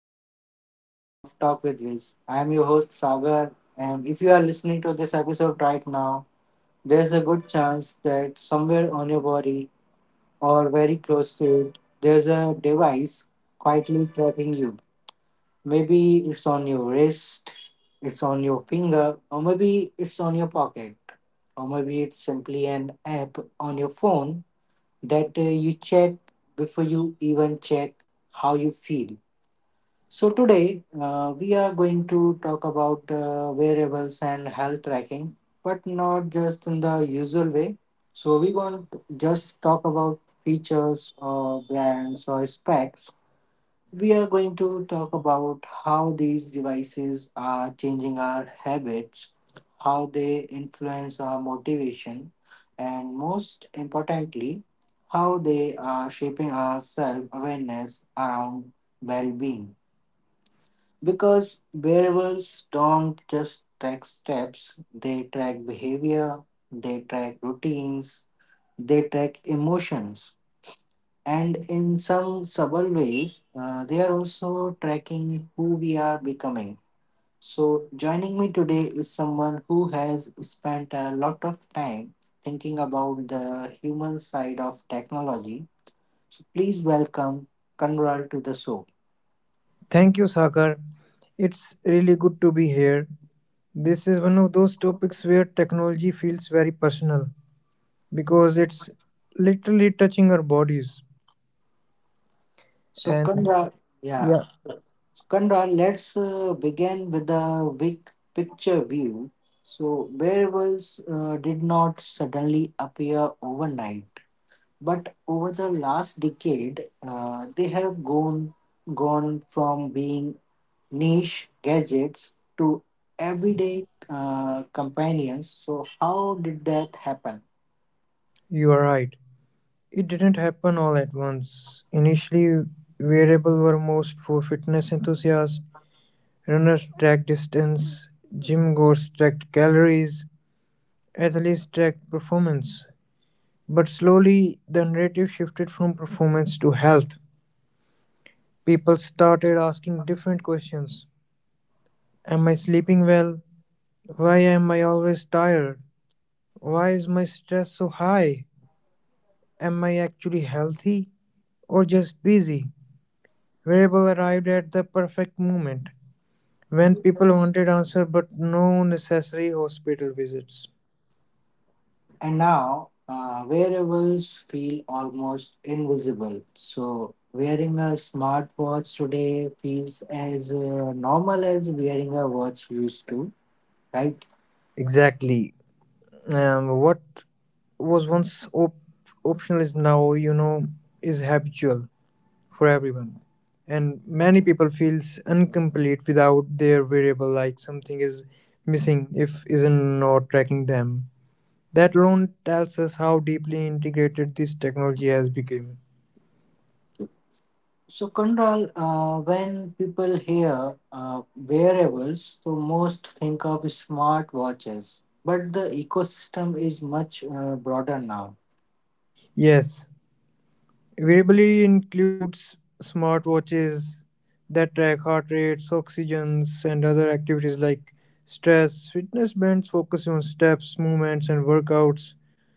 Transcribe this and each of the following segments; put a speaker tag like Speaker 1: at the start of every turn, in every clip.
Speaker 1: to another episode of Talk with Viz. I am your host Sagar, and if you are listening to this episode right now, there's a good chance that somewhere on your body or very close to it, there's a device quietly tracking you. Maybe it's on your wrist, it's on your finger, or maybe it's on your pocket, or maybe it's simply an app on your phone that you check before you even check how you feel. So, today we are going to talk about wearables and health tracking, but not just in the usual way. So, we won't just talk about features or brands or specs. We are going to talk about how these devices are changing our habits, how they influence our motivation, and most importantly, how they are shaping our self awareness around well being. Because wearables don't just track steps, they track behavior, they track routines, they track emotions. And in some subtle ways, they are also tracking who we are becoming. So, joining me today is someone who has spent a lot of time thinking about the human side of technology. So, please welcome Kanral to the show.
Speaker 2: Thank you, Sagar. It's really good to be here. This is one of those topics where technology feels very personal because it's literally touching our bodies.
Speaker 1: So,
Speaker 2: And
Speaker 1: Kanral, yeah,
Speaker 2: yeah,
Speaker 1: Kandra, let's begin with the big picture view. So, wearables did not suddenly appear overnight, but over the last decade, they have gone from being niche gadgets to everyday companions. So, how did that happen?
Speaker 2: you are right. It didn't happen all at once. Initially, wearable were most for fitness enthusiasts. Runners tracked distance, gym goers tracked calories, athletes tracked performance. But slowly, the narrative shifted from performance to health. People started asking different questions. Am I sleeping well? Why am I always tired? Why is my stress so high? Am I actually healthy or just busy? Variable arrived at the perfect moment when people wanted answer but no necessary hospital visits.
Speaker 1: And now, wearables feel almost invisible. So, wearing a smartwatch today feels as normal as wearing a watch used to, right?
Speaker 2: Exactly. What was once optional is now, is habitual for everyone. And many people feels incomplete without their variable, like something is missing if isn't not tracking them. That alone tells us how deeply integrated this technology has become.
Speaker 1: So, Kondal, when people hear wearables, so most think of smartwatches, but the ecosystem is much broader now.
Speaker 2: Yes, Variability includes smartwatches that track heart rates, oxygens, and other activities like stress. Fitness bands focus on steps, movements, and workouts.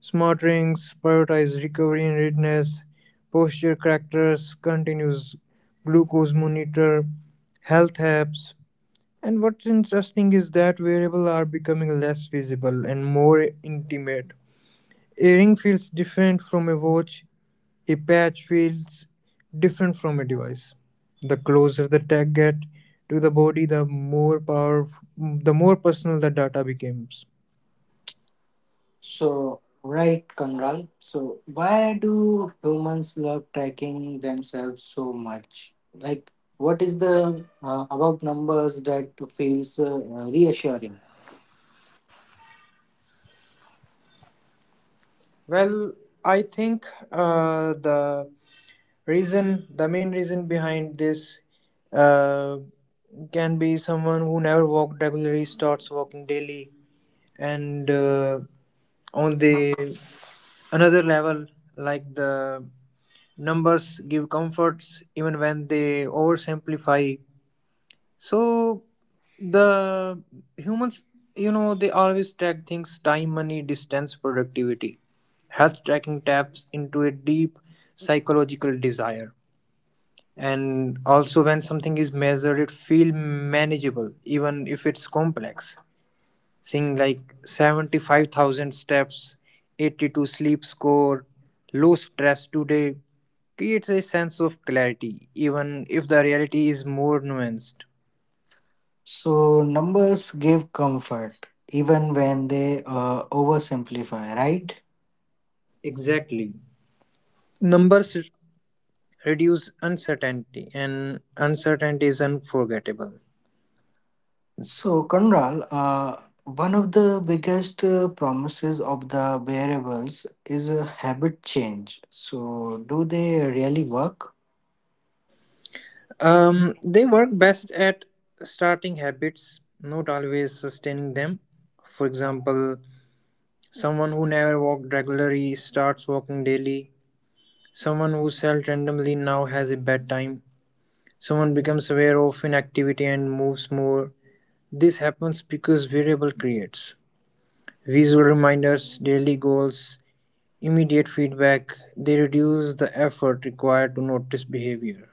Speaker 2: Smart rings prioritize recovery and readiness. Posture characters, continuous glucose monitor, health apps. And what's interesting is that wearables are becoming less visible and more intimate. A ring feels different from a watch, a patch feels different from a device. The closer the tag get to the body, the more power, the more personal the data becomes.
Speaker 1: So, right, Kamral. So, why do humans love tracking themselves so much? Like, what is the about numbers that feels reassuring?
Speaker 2: Well, I think uh, the the main reason behind this uh, can be someone who never walked regularly starts walking daily, and on the another level, like the numbers give comforts even when they oversimplify. So the humans, they always track things: time, money, distance, productivity. Health tracking taps into a deep psychological desire, and also when something is measured it feels manageable even if it's complex. Seeing like 75,000 steps, 82 sleep score, low stress today creates a sense of clarity, even if the reality is more nuanced.
Speaker 1: So numbers give comfort even when they oversimplify, right?
Speaker 2: Exactly. Numbers reduce uncertainty, and uncertainty is unforgettable.
Speaker 1: So Conral, one of the biggest promises of the variables is a habit change. So do they really work?
Speaker 2: They work best at starting habits, not always sustaining them. For example, someone who never walked regularly starts walking daily. Someone who sells randomly now has a bad time. Someone becomes aware of inactivity and moves more. This happens because variable creates visual reminders, daily goals, immediate feedback. They reduce the effort required to notice behavior.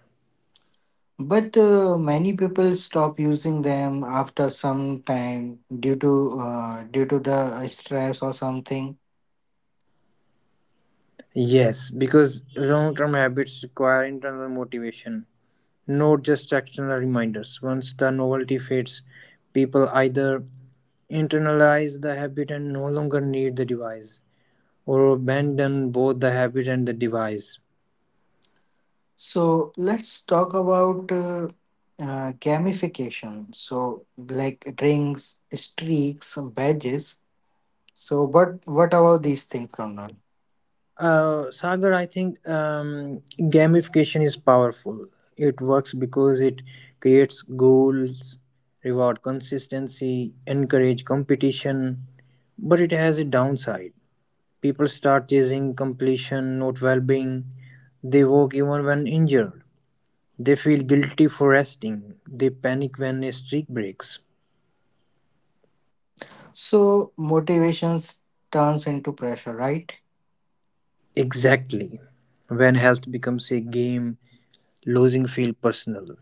Speaker 1: But many people stop using them after some time due to due to the stress or something.
Speaker 2: Yes, because long term habits require internal motivation, not just external reminders. Once the novelty fades, people either internalize the habit and no longer need the device, or abandon both the habit and the device.
Speaker 1: So let's talk about gamification. So like rings, streaks, badges. So but what about these things, Colonel?
Speaker 2: Sagar, I think gamification is powerful. It works because it creates goals, reward consistency, encourage competition, but it has a downside. People start chasing completion, not well being. They walk even when injured. They feel guilty for resting. They panic when a streak breaks.
Speaker 1: So motivations turns into pressure, right?
Speaker 2: Exactly. When health becomes a game, losing feel personal.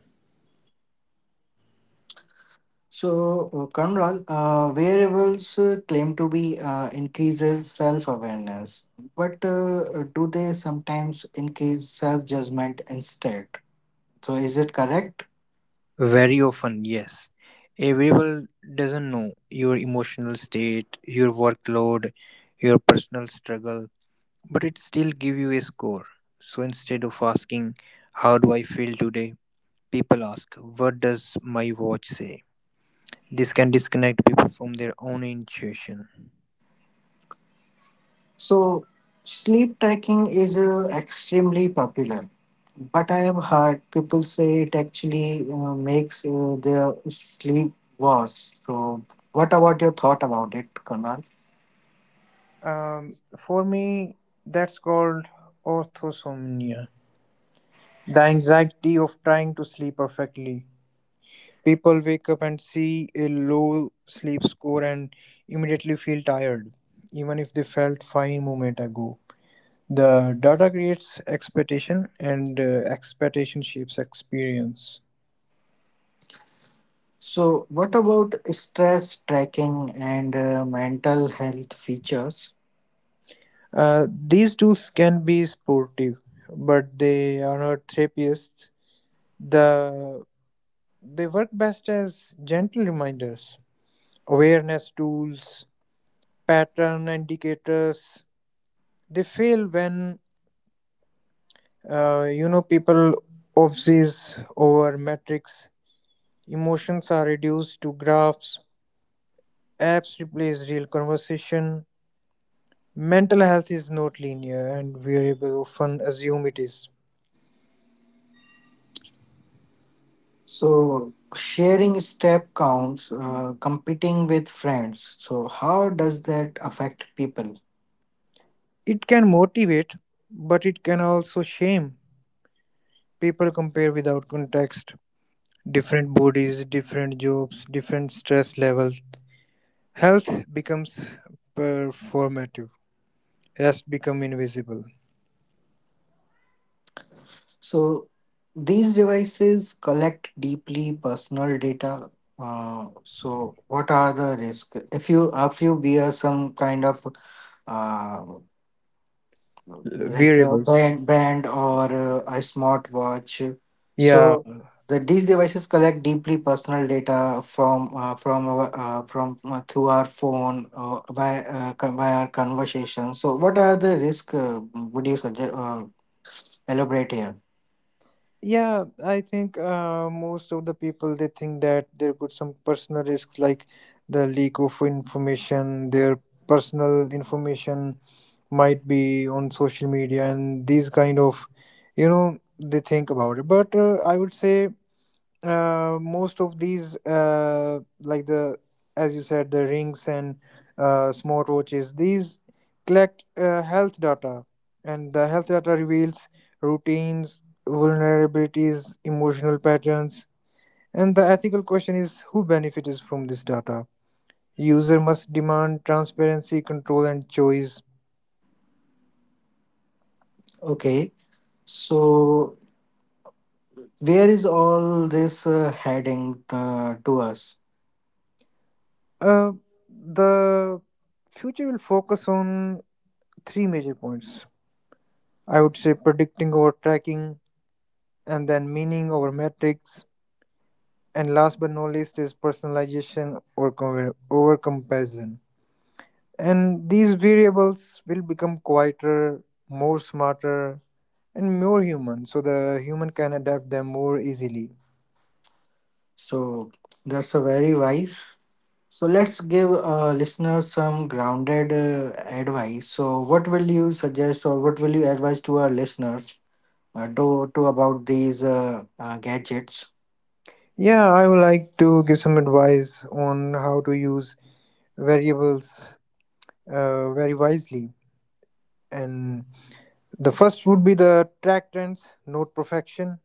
Speaker 1: So, Kamral, wearables claim to be increases self-awareness, but do they sometimes increase self-judgment instead? So, is it correct?
Speaker 2: Very often, yes. A variable doesn't know your emotional state, your workload, your personal struggle, but it still give you a score. So instead of asking, how do I feel today? People ask, what does my watch say? This can disconnect people from their own intuition.
Speaker 1: So, sleep tracking is extremely popular, but I have heard people say it actually makes their sleep worse. So, what about your thought about it, Kamral?
Speaker 2: For me, that's called orthosomnia. The anxiety of trying to sleep perfectly. People wake up and see a low sleep score and immediately feel tired, even if they felt fine a moment ago. The data creates expectation, and expectation shapes experience.
Speaker 1: So, what about stress tracking and mental health features?
Speaker 2: These tools can be supportive, but they are not therapists. The they work best as gentle reminders, awareness tools, pattern indicators. They fail when people obsess over metrics. Emotions are reduced to graphs. Apps replace real conversation. Mental health is not linear, and variable often assume it is.
Speaker 1: So, sharing step counts, competing with friends. So, how does that affect people?
Speaker 2: It can motivate, but it can also shame. People compare without context. Different bodies, different jobs, different stress levels. Health becomes performative. Rest become invisible.
Speaker 1: So, these devices collect deeply personal data. So, what are the risks? If you wear some kind of uh, like a
Speaker 2: Variables.
Speaker 1: band, or a smartwatch.
Speaker 2: Yeah,
Speaker 1: So the, these devices collect deeply personal data from our, from through our phone by by our conversation. So what are the risk? Would you suggest elaborate here?
Speaker 2: yeah, I think most of the people they think that there could some personal risks like the leak of information, their personal information might be on social media, and these kind of, they think about it. But I would say most of these like the, as you said, the rings and smartwatches, these collect health data, and the health data reveals routines, vulnerabilities, emotional patterns. And the ethical question is who benefits from this data. User must demand transparency, control and choice.
Speaker 1: Okay, so where is all this heading to us?
Speaker 2: Uh, the future will focus on three major points. I would say predicting or tracking, and then meaning over metrics, and last but not least is personalization or over comparison. And these variables will become quieter, more smarter, and more human, so the human can adapt them more easily.
Speaker 1: So that's a very wise. So let's give listeners some grounded advice. So what will you suggest or what will you advise to our listeners do, to about these gadgets?
Speaker 2: Yeah, I would like to give some advice on how to use variables very wisely. And the first would be the track trends, not perfection,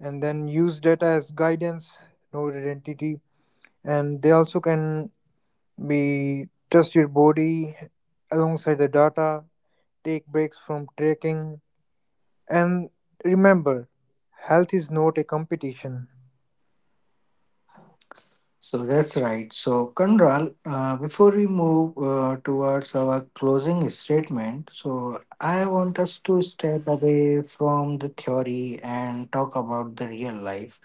Speaker 2: and then use data as guidance, not identity, and they also can be trust your body alongside the data, take breaks from trekking, and remember, health is not a competition.
Speaker 1: So that's right. So, Kanral, before we move towards our closing statement, so I want us to step away from the theory and talk about the real life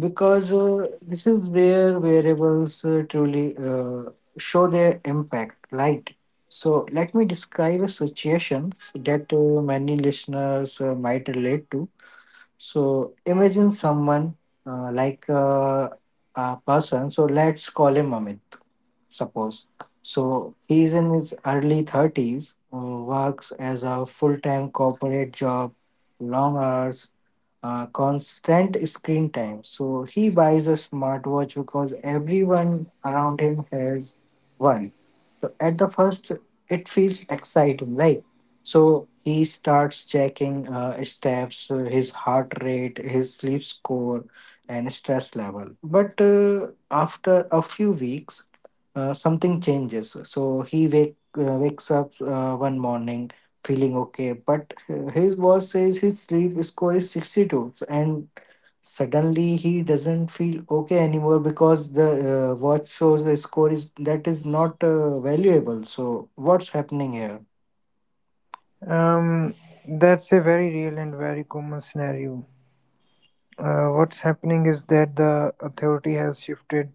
Speaker 1: because this is where variables truly show their impact, right? So, let me describe a situation that many listeners might relate to. So imagine someone uh, like uh, person. So let's call him Amit, suppose. So he's in his early 30s, works as a full time corporate job, long hours, constant screen time. So he buys a smartwatch because everyone around him has one. So at the first, it feels exciting, right? So he starts checking his steps, his heart rate, his sleep score, and stress level. But after a few weeks, something changes. So he wakes up one morning feeling okay, but his boss says his sleep score is 62. So, and suddenly he doesn't feel okay anymore because the watch shows the score is that is not valuable. So what's happening here?
Speaker 2: um, that's a very real and very common scenario. What's happening is that the authority has shifted.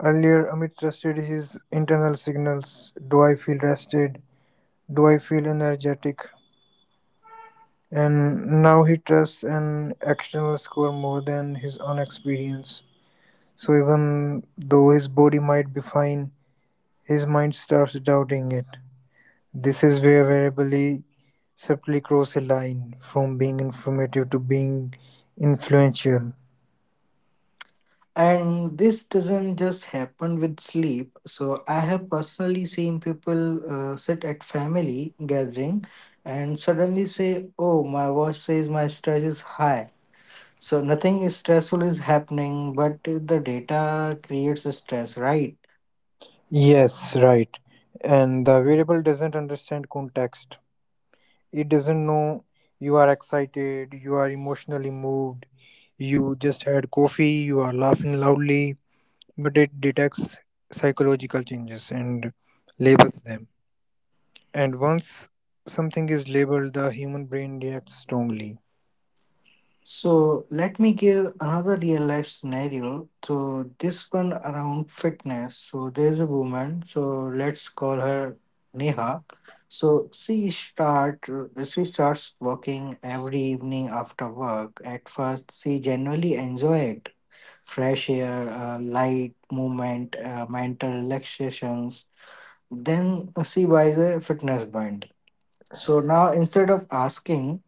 Speaker 2: Earlier, Amit trusted his internal signals. Do I feel rested? Do I feel energetic? And now he trusts an external score more than his own experience. So even though his body might be fine, his mind starts doubting it. This is where variability subtly crosses a line from being informative to being influential.
Speaker 1: And this doesn't just happen with sleep. So I have personally seen people sit at family gathering and suddenly say, "Oh, my watch says my stress is high." So nothing is stressful is happening, but the data creates a stress, right?
Speaker 2: Yes, right. And the variable doesn't understand context. It doesn't know you are excited, you are emotionally moved, you just had coffee, you are laughing loudly, but it detects psychological changes and labels them. And once something is labeled, the human brain reacts strongly.
Speaker 1: So let me give another real life scenario. So this one around fitness. So there's a woman. So let's call her Neha. So she starts working every evening after work. At first, she generally enjoy it. Fresh air, light movement, mental relaxations. Then she buys a fitness band. So now instead of asking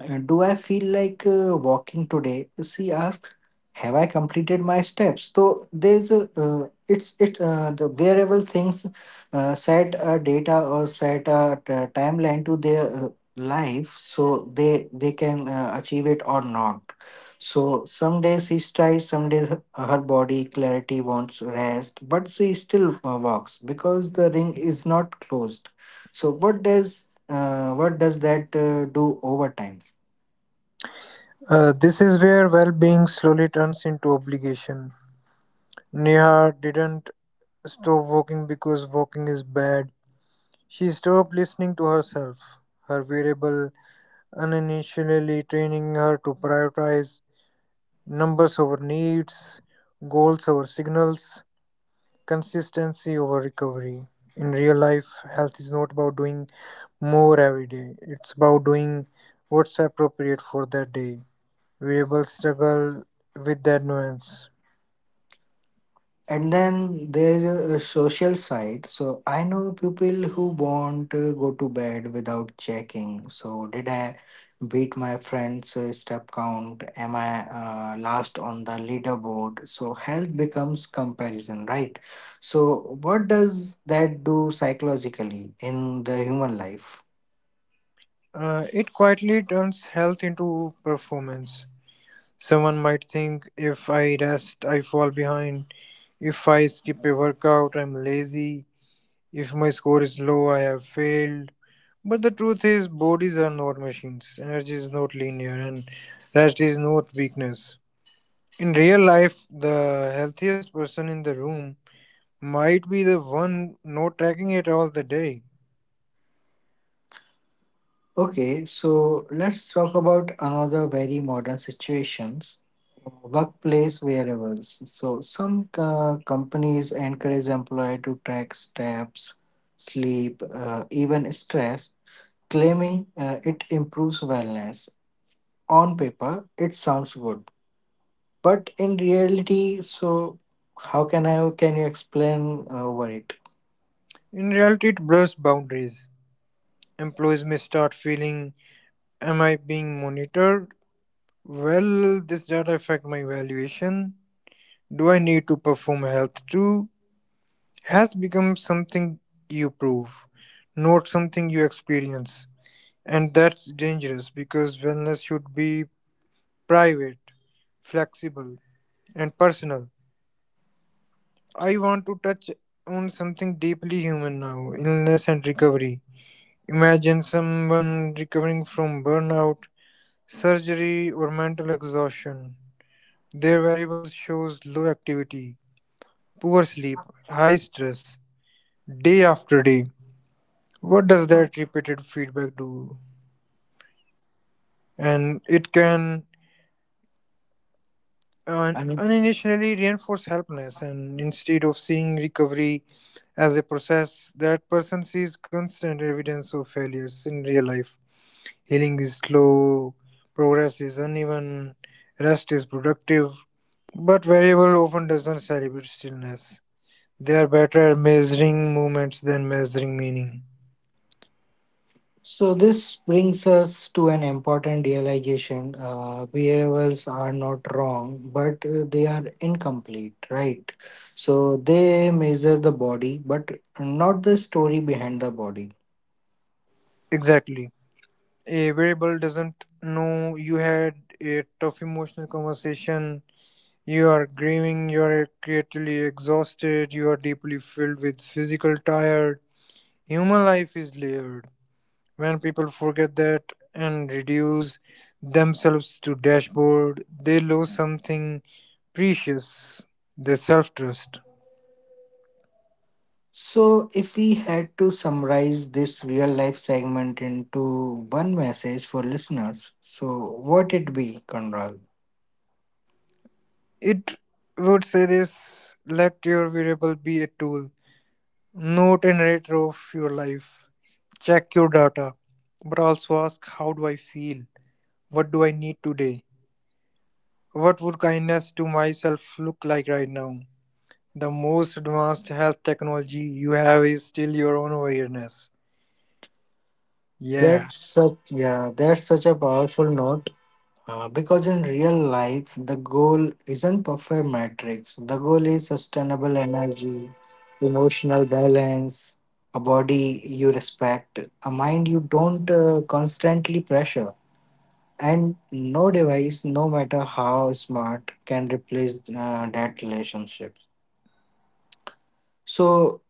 Speaker 1: do I feel like walking today? She asked. Have I completed my steps? So there's a it's it the wearable things set a data or set a timeline to their life, so they can achieve it or not. So some days she tries, some days her body clarity wants rest, but she still walks because the ring is not closed. So what does that do over time?
Speaker 2: This is where well being slowly turns into obligation. Neha didn't stop walking because walking is bad. She stopped listening to herself, her variable, unintentionally training her to prioritize numbers over needs, goals over signals, consistency over recovery. In real life, health is not about doing more every day, it's about doing what's appropriate for that day. Variables struggle with that nuance.
Speaker 1: And then there is a social side. So I know people who won't go to bed without checking. So did I beat my friend's step count? Am I last on the leaderboard? So health becomes comparison, right? So what does that do psychologically in the human life?
Speaker 2: It quietly turns health into performance. Someone might think, if I rest, I fall behind. If I skip a workout, I'm lazy. If my score is low, I have failed. But the truth is, bodies are not machines. Energy is not linear, and rest is not weakness. In real life, the healthiest person in the room might be the one not tracking it all the day.
Speaker 1: Okay, so let's talk about another very modern situations, workplace wearables. So some companies encourage employee to track steps, sleep, even stress, claiming it improves wellness. On paper, it sounds good, but in reality, so how can I can you explain over it?
Speaker 2: In reality, it blurs boundaries. Employees may start feeling, am I being monitored? Will this data affect my valuation? Do I need to perform health too? Health becomes something you prove, not something you experience. And that's dangerous because wellness should be private, flexible, and personal. I want to touch on something deeply human now: illness and recovery. Imagine someone recovering from burnout, surgery, or mental exhaustion. Their variables shows low activity, poor sleep, high stress, day after day. What does that repeated feedback do? And it can and
Speaker 1: I.
Speaker 2: unintentionally reinforce helplessness, and instead of seeing recovery as a process, that person sees constant evidence of failures. In real life, healing is slow, progress is uneven, rest is productive, but variable often doesn't celebrate stillness. They are better at measuring movements than measuring meaning.
Speaker 1: So, this brings us to an important realization. Variables are not wrong, but they are incomplete, right? So, they measure the body, but not the story behind the body.
Speaker 2: Exactly. A variable doesn't know you had a tough emotional conversation. You are grieving, you are creatively exhausted, you are deeply filled with physical tired. Human life is layered. When people forget that and reduce themselves to dashboard, they lose something precious, their self trust.
Speaker 1: So, if we had to summarize this real life segment into one message for listeners, so what it be, Conrad?
Speaker 2: It would say this: let your variable be a tool, not a narrator of your life. Check your data, but also ask, how do I feel? What do I need today? What would kindness to myself look like right now? The most advanced health technology you have is still your own awareness. Yeah,
Speaker 1: That's such yeah, that's such a powerful note. Because in real life, the goal isn't perfect metrics. The goal is sustainable energy, emotional balance, a body you respect, a mind you don't constantly pressure. And no device, no matter how smart, can replace that relationship. So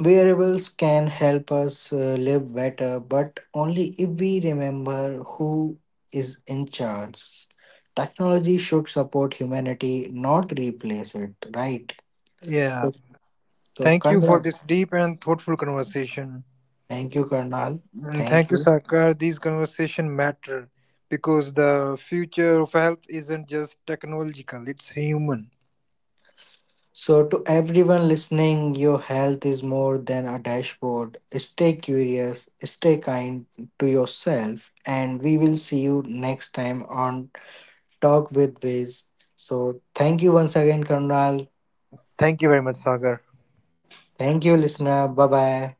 Speaker 1: variables can help us live better, but only if we remember who is in charge. Technology should support humanity, not replace it, right?
Speaker 2: yeah.
Speaker 1: So, so
Speaker 2: Thank you for
Speaker 1: Karnal,
Speaker 2: this deep and thoughtful conversation.
Speaker 1: thank you, Karnal.
Speaker 2: And
Speaker 1: Thank
Speaker 2: thank you,
Speaker 1: you.
Speaker 2: Sakar. These conversation matter because the future of health isn't just technological, it's human.
Speaker 1: So, to everyone listening, your health is more than a dashboard. Stay curious, stay kind to yourself, and we will see you next time on Talk with Viz. So, thank you once again, Karnal.
Speaker 2: Thank you very much, Sagar.
Speaker 1: Thank you, listener. Bye bye.